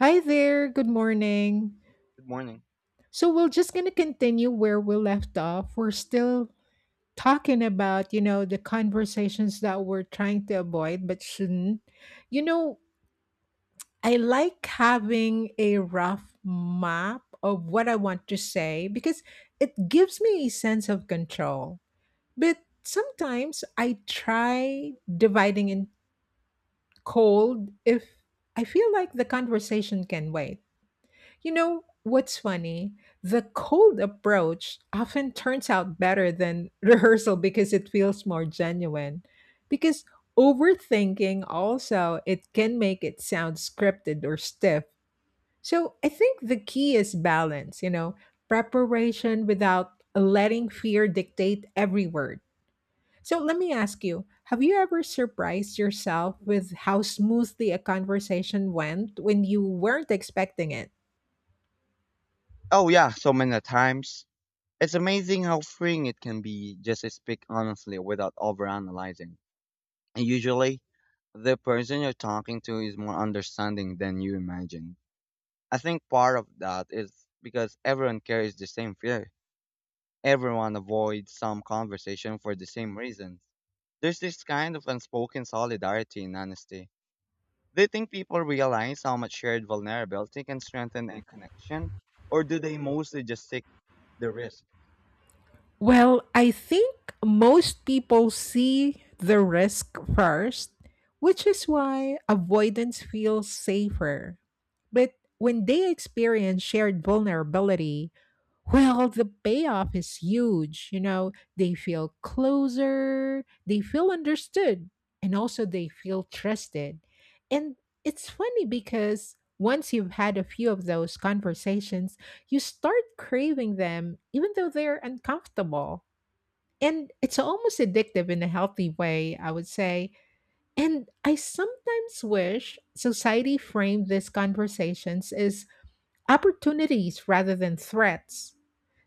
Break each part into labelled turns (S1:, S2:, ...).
S1: Hi there, good morning.
S2: Good morning.
S1: So we're just going to continue where we left off. We're still talking about, you know, the conversations that we're trying to avoid but shouldn't. You know, I like having a rough map of what I want to say because it gives me a sense of control. But sometimes I try dividing in cold if I feel like the conversation can wait. You know what's funny? The cold approach often turns out better than rehearsal because it feels more genuine. Because overthinking also it can make it sound scripted or stiff. So I think the key is balance, you know, preparation without letting fear dictate every word. So let me ask you, have you ever surprised yourself with how smoothly a conversation went when you weren't expecting it?
S2: Oh yeah, so many times. It's amazing how freeing it can be just to speak honestly without overanalyzing. And usually, the person you're talking to is more understanding than you imagine. I think part of that is because everyone carries the same fear. Everyone avoids some conversation for the same reasons. There's this kind of unspoken solidarity in honesty. Do you think people realize how much shared vulnerability can strengthen a connection? Or do they mostly just take the risk?
S1: Well, I think most people see the risk first, which is why avoidance feels safer. But when they experience shared vulnerability, well, the payoff is huge. You know, they feel closer, they feel understood, and also they feel trusted. And it's funny because once you've had a few of those conversations, you start craving them even though they're uncomfortable. And it's almost addictive in a healthy way, I would say. And I sometimes wish society framed these conversations as opportunities rather than threats.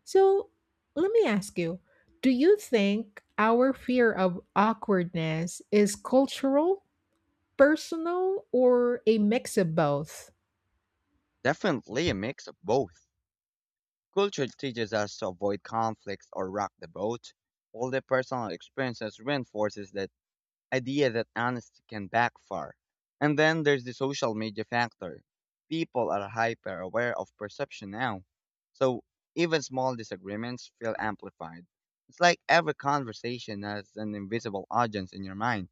S1: So let me ask you, do you think our fear of awkwardness is cultural, personal, or a mix of both?
S2: Definitely a mix of both. Culture teaches us to avoid conflicts or rock the boat, while the personal experiences reinforces that idea that honesty can backfire. And then there's the social media factor. People are hyper aware of perception now. So even small disagreements feel amplified. It's like every conversation has an invisible audience in your mind.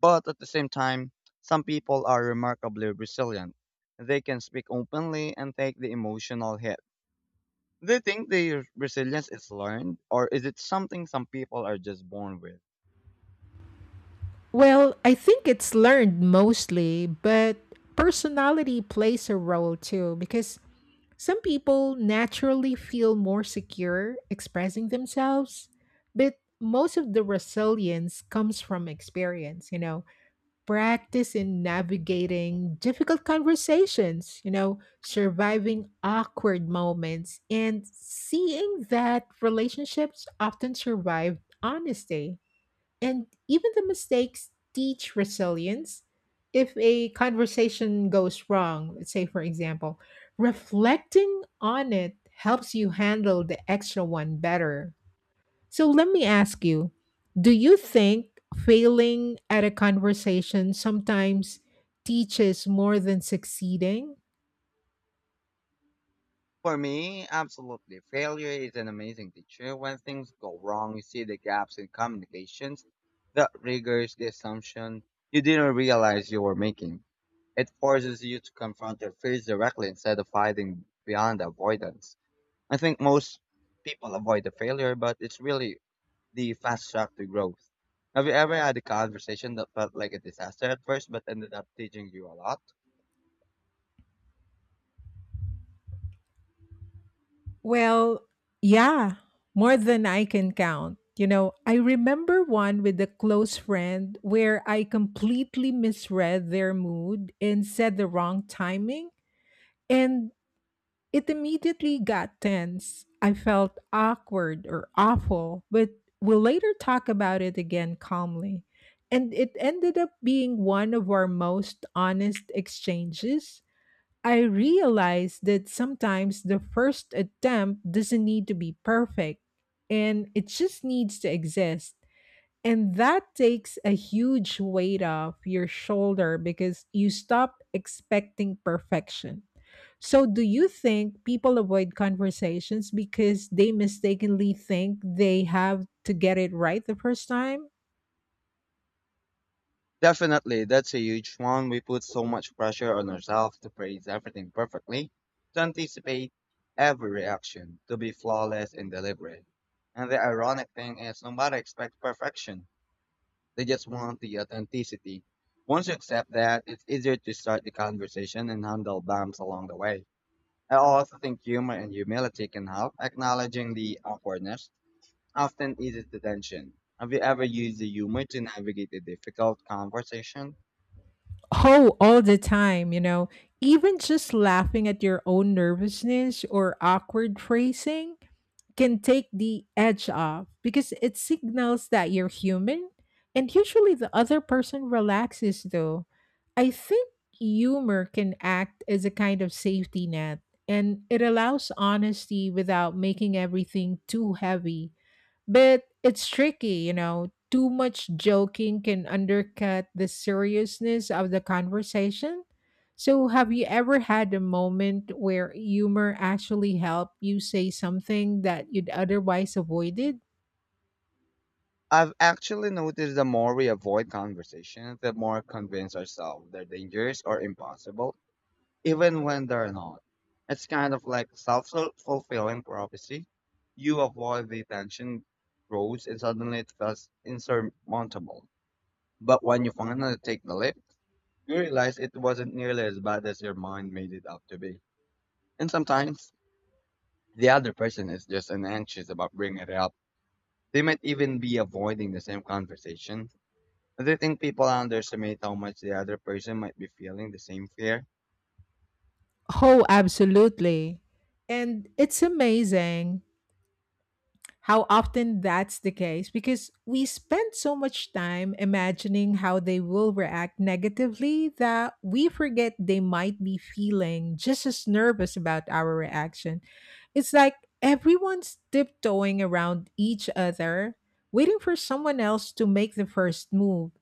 S2: But at the same time, some people are remarkably resilient. They can speak openly and take the emotional hit. They think their resilience is learned, or is it something some people are just born with?
S1: Well, I think it's learned mostly, but personality plays a role too because some people naturally feel more secure expressing themselves, but most of the resilience comes from experience, you know, practice in navigating difficult conversations, you know, surviving awkward moments, and seeing that relationships often survive honesty. And even the mistakes teach resilience. If a conversation goes wrong, let's say, for example, reflecting on it helps you handle the extra one better. So let me ask you, do you think failing at a conversation sometimes teaches more than succeeding?
S2: For me, absolutely. Failure is an amazing teacher. When things go wrong, you see the gaps in communications, the rigors, the assumption you didn't realize you were making. It forces you to confront your fears directly instead of hiding behind avoidance. I think most people avoid the failure, but it's really the fast track to growth. Have you ever had a conversation that felt like a disaster at first but ended up teaching you a lot?
S1: Well, yeah, more than I can count. You know, I remember one with a close friend where I completely misread their mood and said the wrong timing, and it immediately got tense. I felt awkward or awful, but we'll later talk about it again calmly. And it ended up being one of our most honest exchanges. I realized that sometimes the first attempt doesn't need to be perfect and it just needs to exist. And that takes a huge weight off your shoulder because you stop expecting perfection. So, do you think people avoid conversations because they mistakenly think they have to get it right the first time?
S2: Definitely, that's a huge one. We put so much pressure on ourselves to phrase everything perfectly, to anticipate every reaction, to be flawless and deliberate. And the ironic thing is, nobody expects perfection. They just want the authenticity. Once you accept that, it's easier to start the conversation and handle bumps along the way. I also think humor and humility can help. Acknowledging the awkwardness often eases the tension. Have you ever used the humor to navigate a difficult conversation?
S1: Oh, all the time, you know, even just laughing at your own nervousness or awkward phrasing can take the edge off because it signals that you're human. And usually the other person relaxes, though. I think humor can act as a kind of safety net and it allows honesty without making everything too heavy. But it's tricky, you know. Too much joking can undercut the seriousness of the conversation. So, have you ever had a moment where humor actually helped you say something that you'd otherwise avoided?
S2: I've actually noticed the more we avoid conversations, the more convince ourselves they're dangerous or impossible, even when they're not. It's kind of like self fulfilling prophecy. You avoid the tension grows and suddenly it feels insurmountable. But when you finally take the leap, you realize it wasn't nearly as bad as your mind made it out to be. And sometimes the other person is just anxious about bringing it up. They might even be avoiding the same conversation. Do you think people underestimate how much the other person might be feeling the same fear?
S1: Oh, absolutely. And it's amazing how often that's the case because we spend so much time imagining how they will react negatively that we forget they might be feeling just as nervous about our reaction. It's like everyone's tiptoeing around each other, waiting for someone else to make the first move.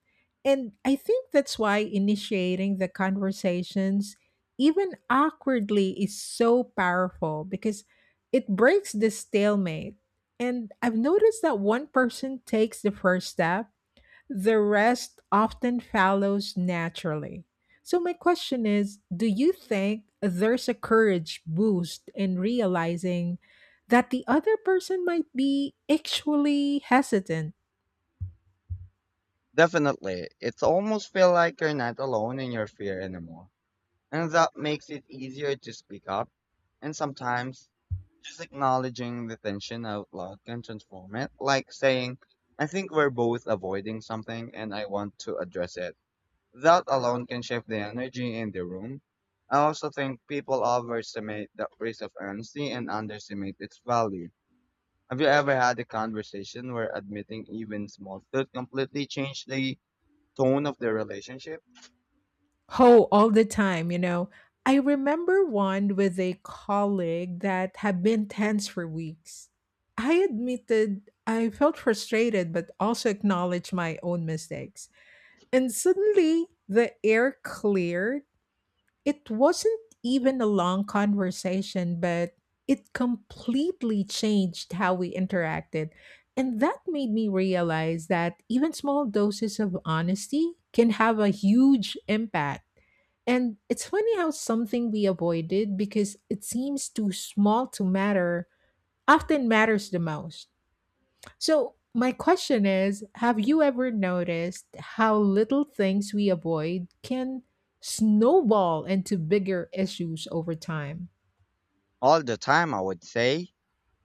S1: And I think that's why initiating the conversations, even awkwardly, is so powerful because it breaks the stalemate, and I've noticed that one person takes the first step, the rest often follows naturally. So, my question is, do you think there's a courage boost in realizing that the other person might be actually hesitant?
S2: Definitely. It's almost feel like you're not alone in your fear anymore. And that makes it easier to speak up. And sometimes just acknowledging the tension out loud can transform it. Like saying, I think we're both avoiding something and I want to address it. That alone can shift the energy in the room. I also think people overestimate the risk of honesty and underestimate its value. Have you ever had a conversation where admitting even small truth completely changed the tone of the relationship?
S1: Oh, all the time, you know. I remember one with a colleague that had been tense for weeks. I admitted I felt frustrated, but also acknowledged my own mistakes. And suddenly the air cleared. It wasn't even a long conversation, but it completely changed how we interacted. And that made me realize that even small doses of honesty can have a huge impact. And it's funny how something we avoided because it seems too small to matter often matters the most. So, my question is, have you ever noticed how little things we avoid can snowball into bigger issues over time?
S2: All the time, I would say.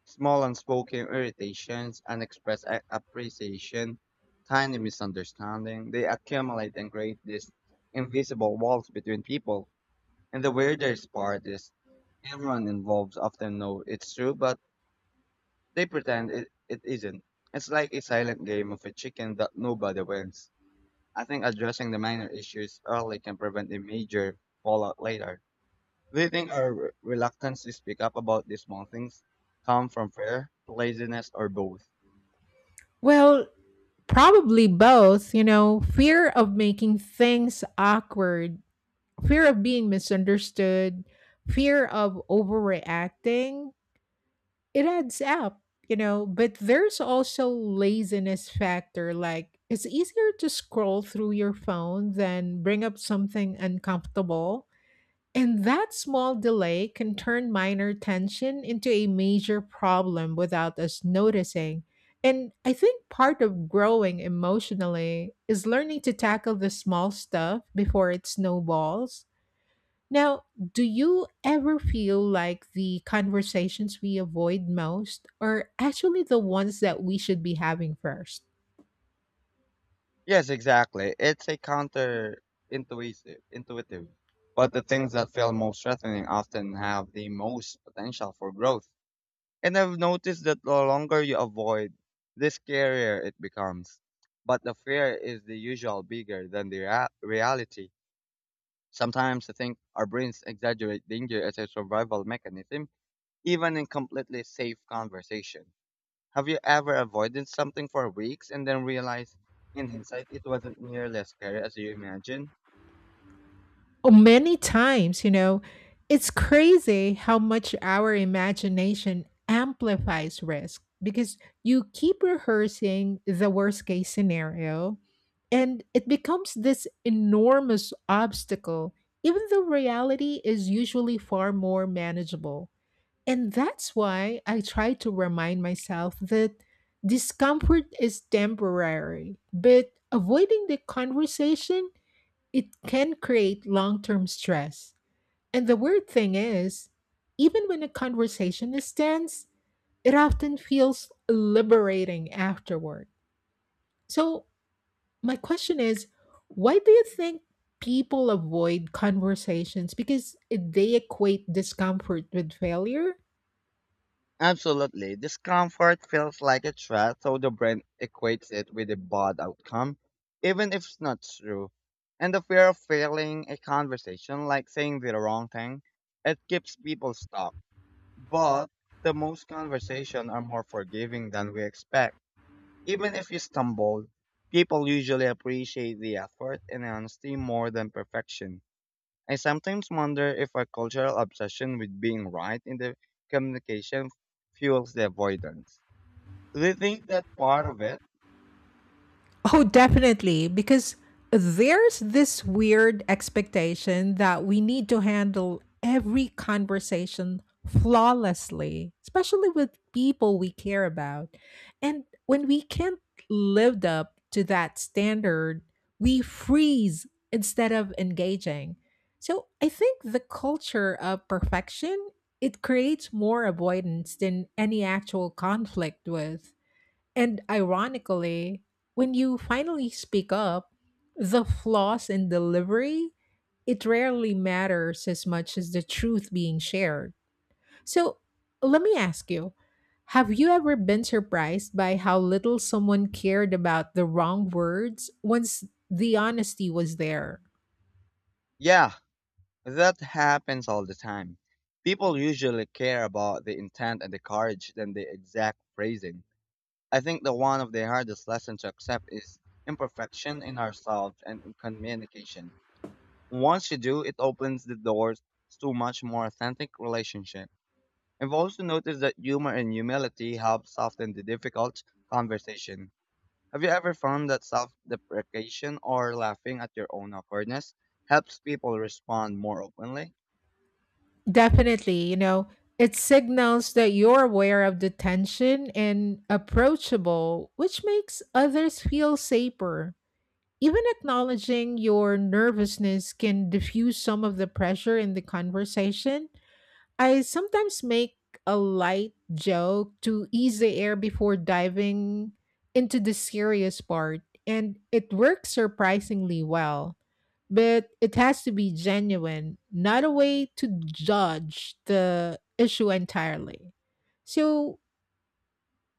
S2: Small unspoken irritations, unexpressed appreciation, tiny misunderstanding, they accumulate and create these invisible walls between people. And the weirdest part is everyone involved often know it's true, but they pretend it isn't. It's like a silent game of a chicken that nobody wins. I think addressing the minor issues early can prevent a major fallout later. Do you think our reluctance to speak up about these small things come from fear, laziness, or both?
S1: Well, probably both. You know, fear of making things awkward, fear of being misunderstood, fear of overreacting, it adds up, you know, but there's also laziness factor like it's easier to scroll through your phone than bring up something uncomfortable. And that small delay can turn minor tension into a major problem without us noticing. And I think part of growing emotionally is learning to tackle the small stuff before it snowballs. Now, do you ever feel like the conversations we avoid most are actually the ones that we should be having first?
S2: Yes, exactly. It's a counter intuitive, intuitive. But the things that feel most threatening often have the most potential for growth. And I've noticed that the longer you avoid, the scarier it becomes. But the fear is the usual bigger than the reality. Sometimes I think our brains exaggerate danger as a survival mechanism, even in completely safe conversation. Have you ever avoided something for weeks and then realized in hindsight it wasn't nearly as scary as you imagined?
S1: Oh, many times, you know, it's crazy how much our imagination amplifies risk because you keep rehearsing the worst case scenario and it becomes this enormous obstacle, even though reality is usually far more manageable. And that's why I try to remind myself that discomfort is temporary, but avoiding the conversation it can create long term stress. And the weird thing is, even when a conversation is tense, it often feels liberating afterward. So, my question is, why do you think people avoid conversations? Because they equate discomfort with failure?
S2: Absolutely. Discomfort feels like a threat, so the brain equates it with a bad outcome, even if it's not true. And the fear of failing a conversation, like saying the wrong thing, it keeps people stuck. But the most conversations are more forgiving than we expect. Even if you stumble, people usually appreciate the effort and honesty more than perfection. I sometimes wonder if our cultural obsession with being right in the communication fuels the avoidance. Do you think that part of it?
S1: Oh, definitely. Because there's this weird expectation that we need to handle every conversation flawlessly, especially with people we care about. And when we can't live up to that standard, we freeze instead of engaging. So I think the culture of perfection it creates more avoidance than any actual conflict with, and ironically, when you finally speak up, the flaws in delivery, it rarely matters as much as the truth being shared. So, let me ask you, have you ever been surprised by how little someone cared about the wrong words once the honesty was there?
S2: Yeah, that happens all the time. People usually care about the intent and the courage than the exact phrasing. I think the one of the hardest lessons to accept is imperfection in ourselves and in communication. Once you do, it opens the doors to much more authentic relationship. I've also noticed that humor and humility help soften the difficult conversation. Have you ever found that self-deprecation or laughing at your own awkwardness helps people respond more openly?
S1: Definitely, you know, it signals that you're aware of the tension and approachable, which makes others feel safer. Even acknowledging your nervousness can diffuse some of the pressure in the conversation. I sometimes make a light joke to ease the air before diving into the serious part, and it works surprisingly well. But it has to be genuine, not a way to judge the issue entirely. So,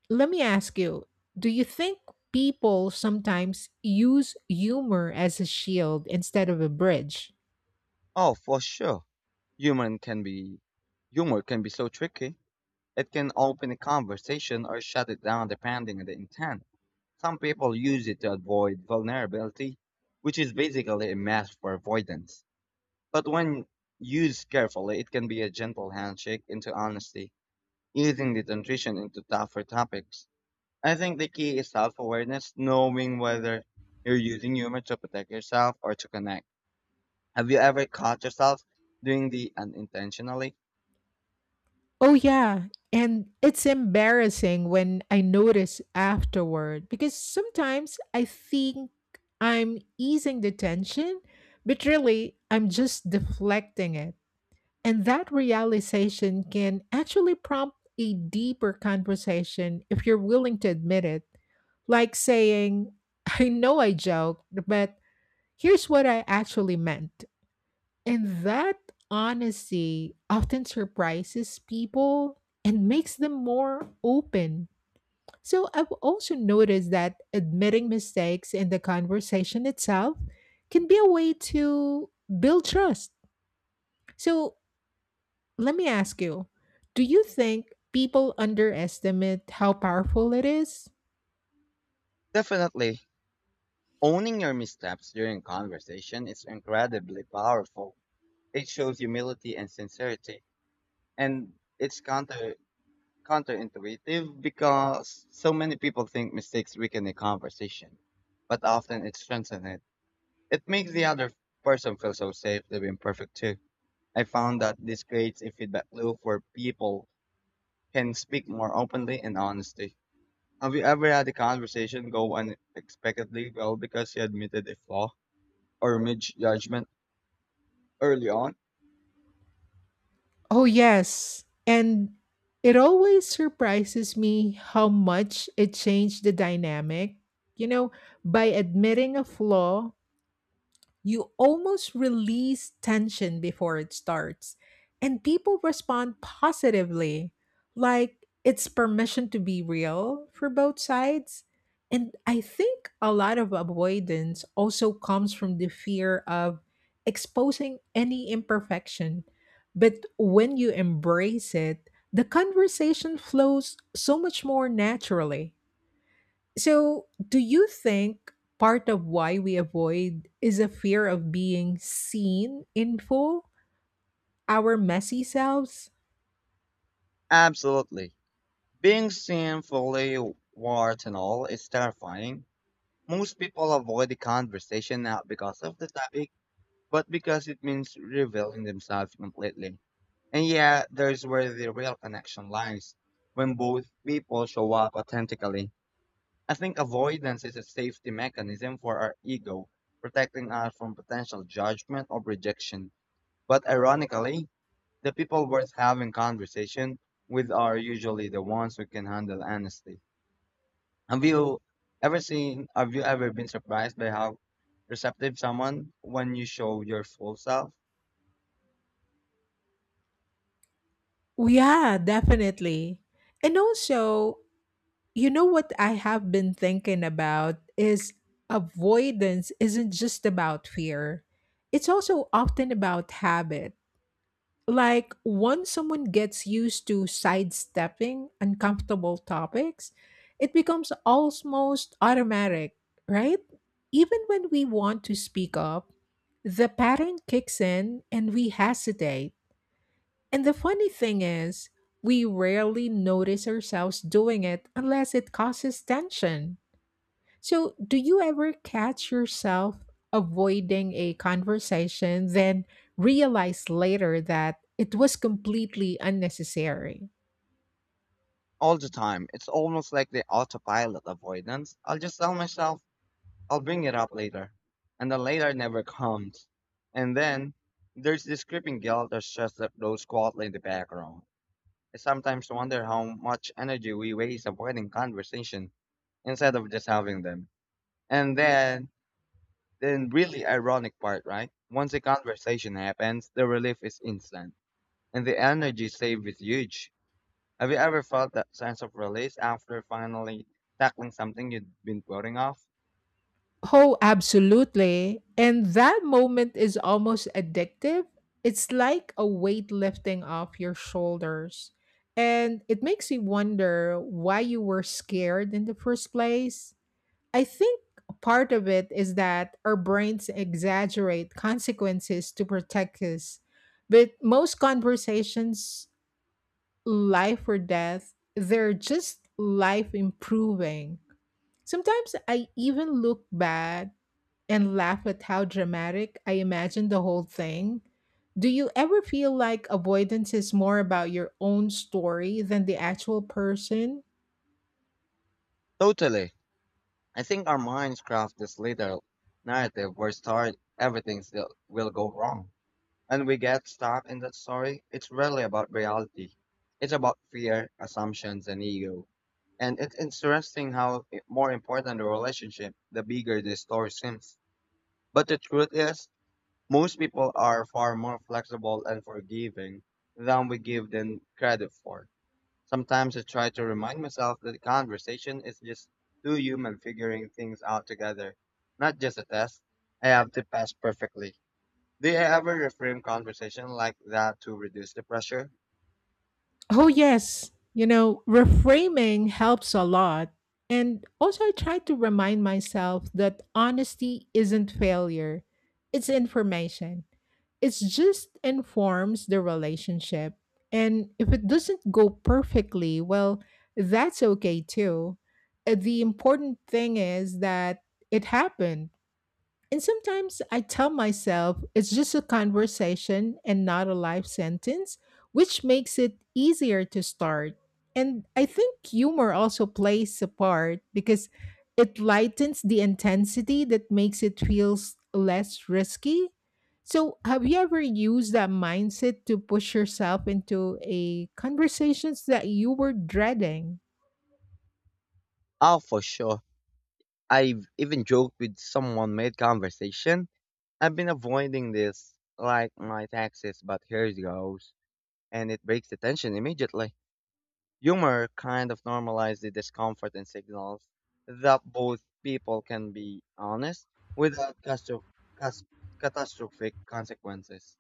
S1: let me ask you, do you think people sometimes use humor as a shield instead of a bridge?
S2: Oh, for sure. Humor can be humor can be so tricky. It can open a conversation or shut it down depending on the intent. Some people use it to avoid vulnerability, which is basically a mask for avoidance. But when used carefully, it can be a gentle handshake into honesty, easing the transition into tougher topics. I think the key is self awareness, knowing whether you're using humor to protect yourself or to connect. Have you ever caught yourself doing the unintentionally?
S1: Oh, yeah. And it's embarrassing when I notice afterward because sometimes I think I'm easing the tension, but really I'm just deflecting it. And that realization can actually prompt a deeper conversation if you're willing to admit it. Like saying, I know I joked, but here's what I actually meant. And that honesty often surprises people and makes them more open. So I've also noticed that admitting mistakes in the conversation itself can be a way to build trust. So let me ask you, do you think people underestimate how powerful it is?
S2: Definitely. Owning your missteps during conversation is incredibly powerful. It shows humility and sincerity, and it's counterintuitive because so many people think mistakes weaken a conversation, but often it strengthens it. It makes the other person feel so safe they're imperfect too. I found that this creates a feedback loop where people can speak more openly and honestly. Have you ever had a conversation go unexpectedly well because you admitted a flaw or misjudgment early on?
S1: Oh, yes, and it always surprises me how much it changed the dynamic. You know, by admitting a flaw, you almost release tension before it starts, and people respond positively, like it's permission to be real for both sides. And I think a lot of avoidance also comes from the fear of exposing any imperfection. But when you embrace it, the conversation flows so much more naturally. So, do you think part of why we avoid is a fear of being seen in full, our messy selves?
S2: Absolutely. Being seen fully, warts and all, is terrifying. Most people avoid the conversation not because of the topic, but because it means revealing themselves completely. And yeah, there's where the real connection lies. When both people show up authentically, I think avoidance is a safety mechanism for our ego, protecting us from potential judgment or rejection. But ironically, the people worth having conversation with are usually the ones who can handle honesty. Have you have you ever been surprised by how receptive someone when you show your full self?
S1: Yeah, definitely. And also, you know what I have been thinking about is avoidance isn't just about fear. It's also often about habit. Like, once someone gets used to sidestepping uncomfortable topics, it becomes almost automatic, right? Even when we want to speak up, the pattern kicks in and we hesitate. And the funny thing is, we rarely notice ourselves doing it unless it causes tension. So, do you ever catch yourself avoiding a conversation, then realize later that it was completely unnecessary?
S2: All the time. It's almost like the autopilot avoidance. I'll just tell myself, I'll bring it up later. And the later never comes. And then there's this creeping guilt or stress that goes quietly in the background. I sometimes wonder how much energy we waste avoiding conversation instead of just having them. And then really ironic part, right? Once the conversation happens, the relief is instant, and the energy saved is huge. Have you ever felt that sense of release after finally tackling something you'd been putting off?
S1: Oh, absolutely. And that moment is almost addictive. It's like a weight lifting off your shoulders. And it makes you wonder why you were scared in the first place. I think part of it is that our brains exaggerate consequences to protect us. But most conversations, life or death, they're just life improving. Sometimes I even look back and laugh at how dramatic I imagined the whole thing. Do you ever feel like avoidance is more about your own story than the actual person?
S2: Totally. I think our minds craft this little narrative where start everything still will go wrong. And we get stuck in that story, it's rarely about reality. It's about fear, assumptions, and ego. And it's interesting how more important the relationship, the bigger the story seems. But the truth is, most people are far more flexible and forgiving than we give them credit for. Sometimes I try to remind myself that the conversation is just two humans figuring things out together, not just a test. I have to pass perfectly. Do you ever reframe conversation like that to reduce the pressure?
S1: Oh, yes. You know, reframing helps a lot. And also, I try to remind myself that honesty isn't failure, it's information. It just informs the relationship. And if it doesn't go perfectly, well, that's okay too. The important thing is that it happened, and sometimes I tell myself it's just a conversation and not a life sentence, which makes it easier to start. And I think humor also plays a part because it lightens the intensity that makes it feels less risky. So, have you ever used that mindset to push yourself into a conversations that you were dreading?
S2: Oh, for sure. I've even joked with someone mid conversation. I've been avoiding this like my taxes, but here it goes. And it breaks the tension immediately. Humor kind of normalizes the discomfort and signals that both people can be honest without cas- catastrophic consequences.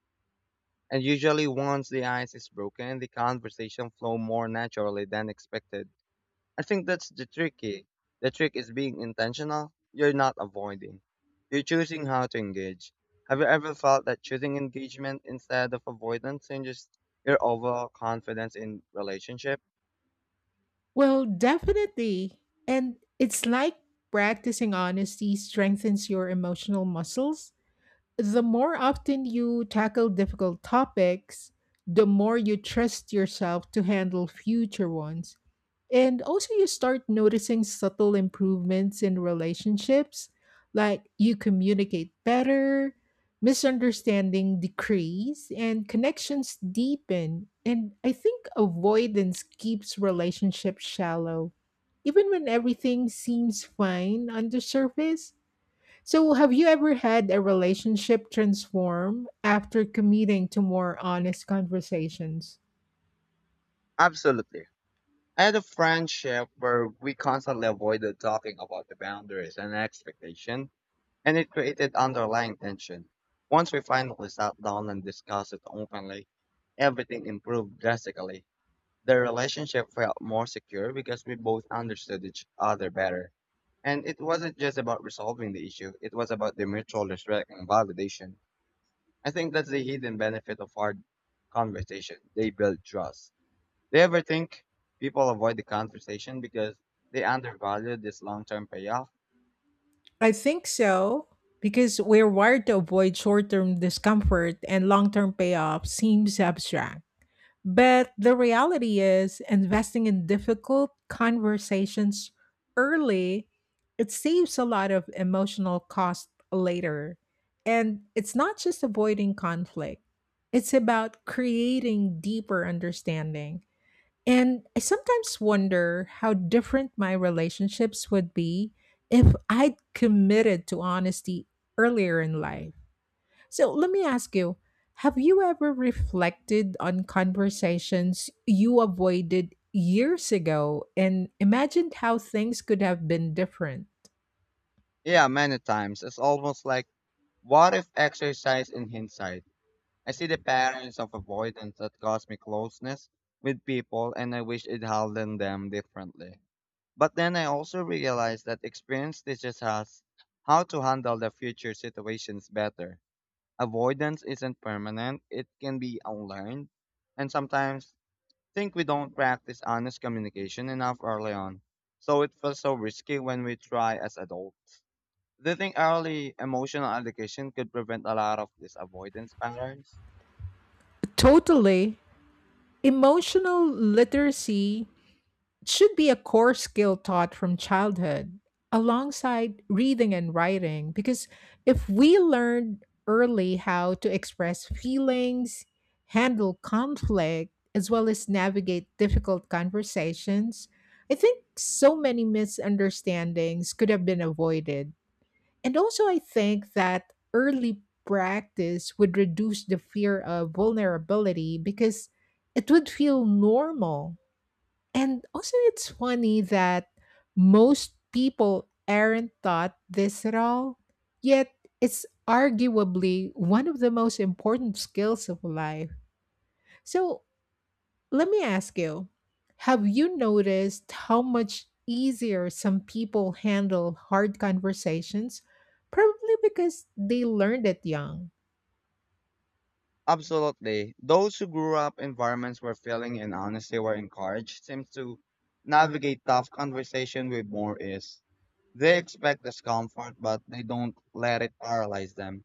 S2: And usually, once the ice is broken, the conversation flow more naturally than expected. I think that's the tricky. The trick is being intentional. You're not avoiding. You're choosing how to engage. Have you ever felt that choosing engagement instead of avoidance changes your overall confidence in relationship?
S1: Well, definitely. And it's like practicing honesty strengthens your emotional muscles. The more often you tackle difficult topics, the more you trust yourself to handle future ones. And also, you start noticing subtle improvements in relationships, like you communicate better, misunderstanding decrease, and connections deepen. And I think avoidance keeps relationships shallow, even when everything seems fine on the surface. So, have you ever had a relationship transform after committing to more honest conversations?
S2: Absolutely. I had a friendship where we constantly avoided talking about the boundaries and expectation, and it created underlying tension. Once we finally sat down and discussed it openly, everything improved drastically. The relationship felt more secure because we both understood each other better. And it wasn't just about resolving the issue, it was about the mutual respect and validation. I think that's the hidden benefit of hard conversation. They build trust. Do you ever think people avoid the conversation because they undervalue this long term payoff?
S1: I think so, because we're wired to avoid short term discomfort and long term payoff seems abstract. But the reality is, investing in difficult conversations early, it saves a lot of emotional cost later. And it's not just avoiding conflict, it's about creating deeper understanding. And I sometimes wonder how different my relationships would be if I'd committed to honesty earlier in life. So let me ask you, have you ever reflected on conversations you avoided years ago and imagined how things could have been different?
S2: Yeah, many times. It's almost like what if exercise in hindsight? I see the patterns of avoidance that cause me closeness with people and I wish it handled them differently. But then I also realize that experience teaches us how to handle the future situations better. Avoidance isn't permanent, it can be unlearned. And sometimes think we don't practice honest communication enough early on. So it feels so risky when we try as adults. Do you think early emotional education could prevent a lot of these avoidance patterns?
S1: Totally. Emotional literacy should be a core skill taught from childhood alongside reading and writing, because if we learn early how to express feelings, handle conflict, as well as navigate difficult conversations, I think so many misunderstandings could have been avoided. And also, I think that early practice would reduce the fear of vulnerability because it would feel normal. And also, it's funny that most people aren't taught this at all, yet it's arguably one of the most important skills of life. So, let me ask you, have you noticed how much easier some people handle hard conversations? Probably because they learned it young.
S2: Absolutely. Those who grew up in environments where feeling and honesty were encouraged seems to navigate tough conversation with more ease. They expect discomfort, but they don't let it paralyze them,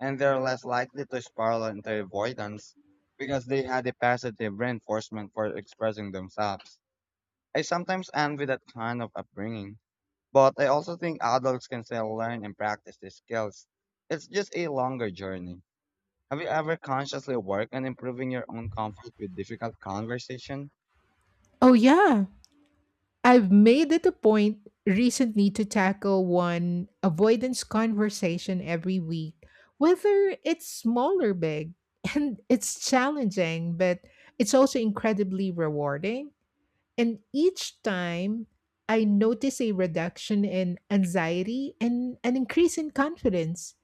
S2: and they're less likely to spiral into avoidance because they had a positive reinforcement for expressing themselves. I sometimes envy that kind of upbringing, but I also think adults can still learn and practice these skills. It's just a longer journey. Have you ever consciously worked on improving your own comfort with difficult conversation?
S1: Oh, yeah. I've made it a point recently to tackle one avoidance conversation every week, whether it's small or big. And it's challenging, but it's also incredibly rewarding. And each time I notice a reduction in anxiety and an increase in confidence.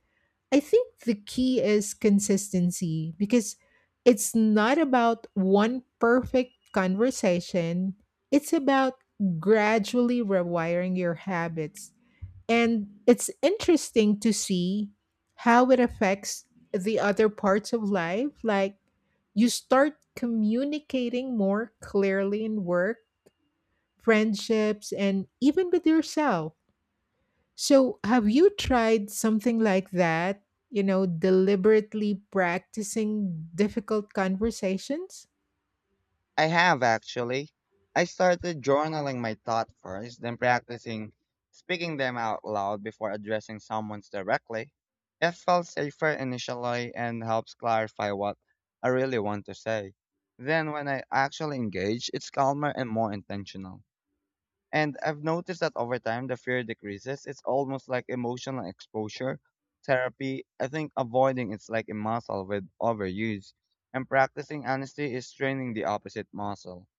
S1: I think the key is consistency because it's not about one perfect conversation. It's about gradually rewiring your habits. And it's interesting to see how it affects the other parts of life. Like, you start communicating more clearly in work, friendships, and even with yourself. So, have you tried something like that? Deliberately practicing difficult conversations?
S2: I have actually. I started journaling my thoughts first, then practicing speaking them out loud before addressing someone directly. It felt safer initially and helps clarify what I really want to say. Then when I actually engage, it's calmer and more intentional. And I've noticed that over time, the fear decreases. It's almost like emotional exposure therapy. I think avoiding it's like a muscle with overuse, and practicing honesty is training the opposite muscle.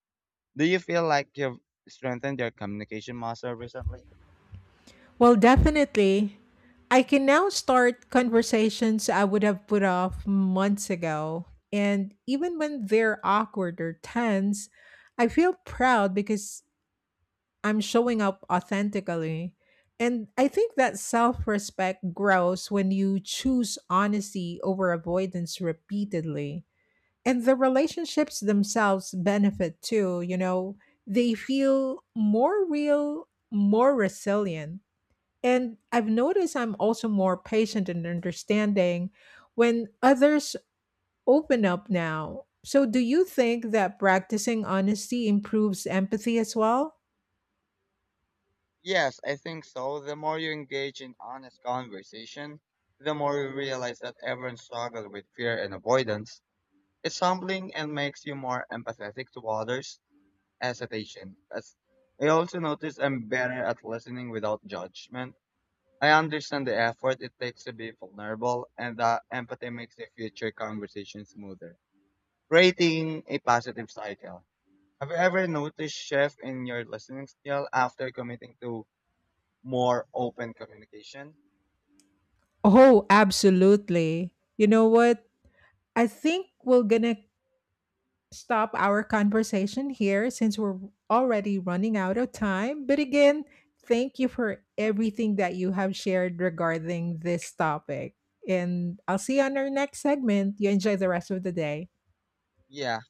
S2: Do you feel like you've strengthened your communication muscle recently?
S1: Well, definitely. I can now start conversations I would have put off months ago. And even when they're awkward or tense, I feel proud because I'm showing up authentically. And I think that self respect grows when you choose honesty over avoidance repeatedly. And the relationships themselves benefit too. They feel more real, more resilient. And I've noticed I'm also more patient and understanding when others open up now. So, do you think that practicing honesty improves empathy as well?
S2: Yes, I think so. The more you engage in honest conversation, the more you realize that everyone struggles with fear and avoidance. It's humbling and makes you more empathetic to others. as As I also notice I'm better at listening without judgment. I understand the effort it takes to be vulnerable, and that empathy makes the future conversation smoother, creating a positive cycle. Have you ever noticed shift in your listening skill after committing to more open communication?
S1: Oh, absolutely. You know what? I think we're going to stop our conversation here since we're already running out of time. But again, thank you for everything that you have shared regarding this topic. And I'll see you on our next segment. You enjoy the rest of the day.
S2: Yeah,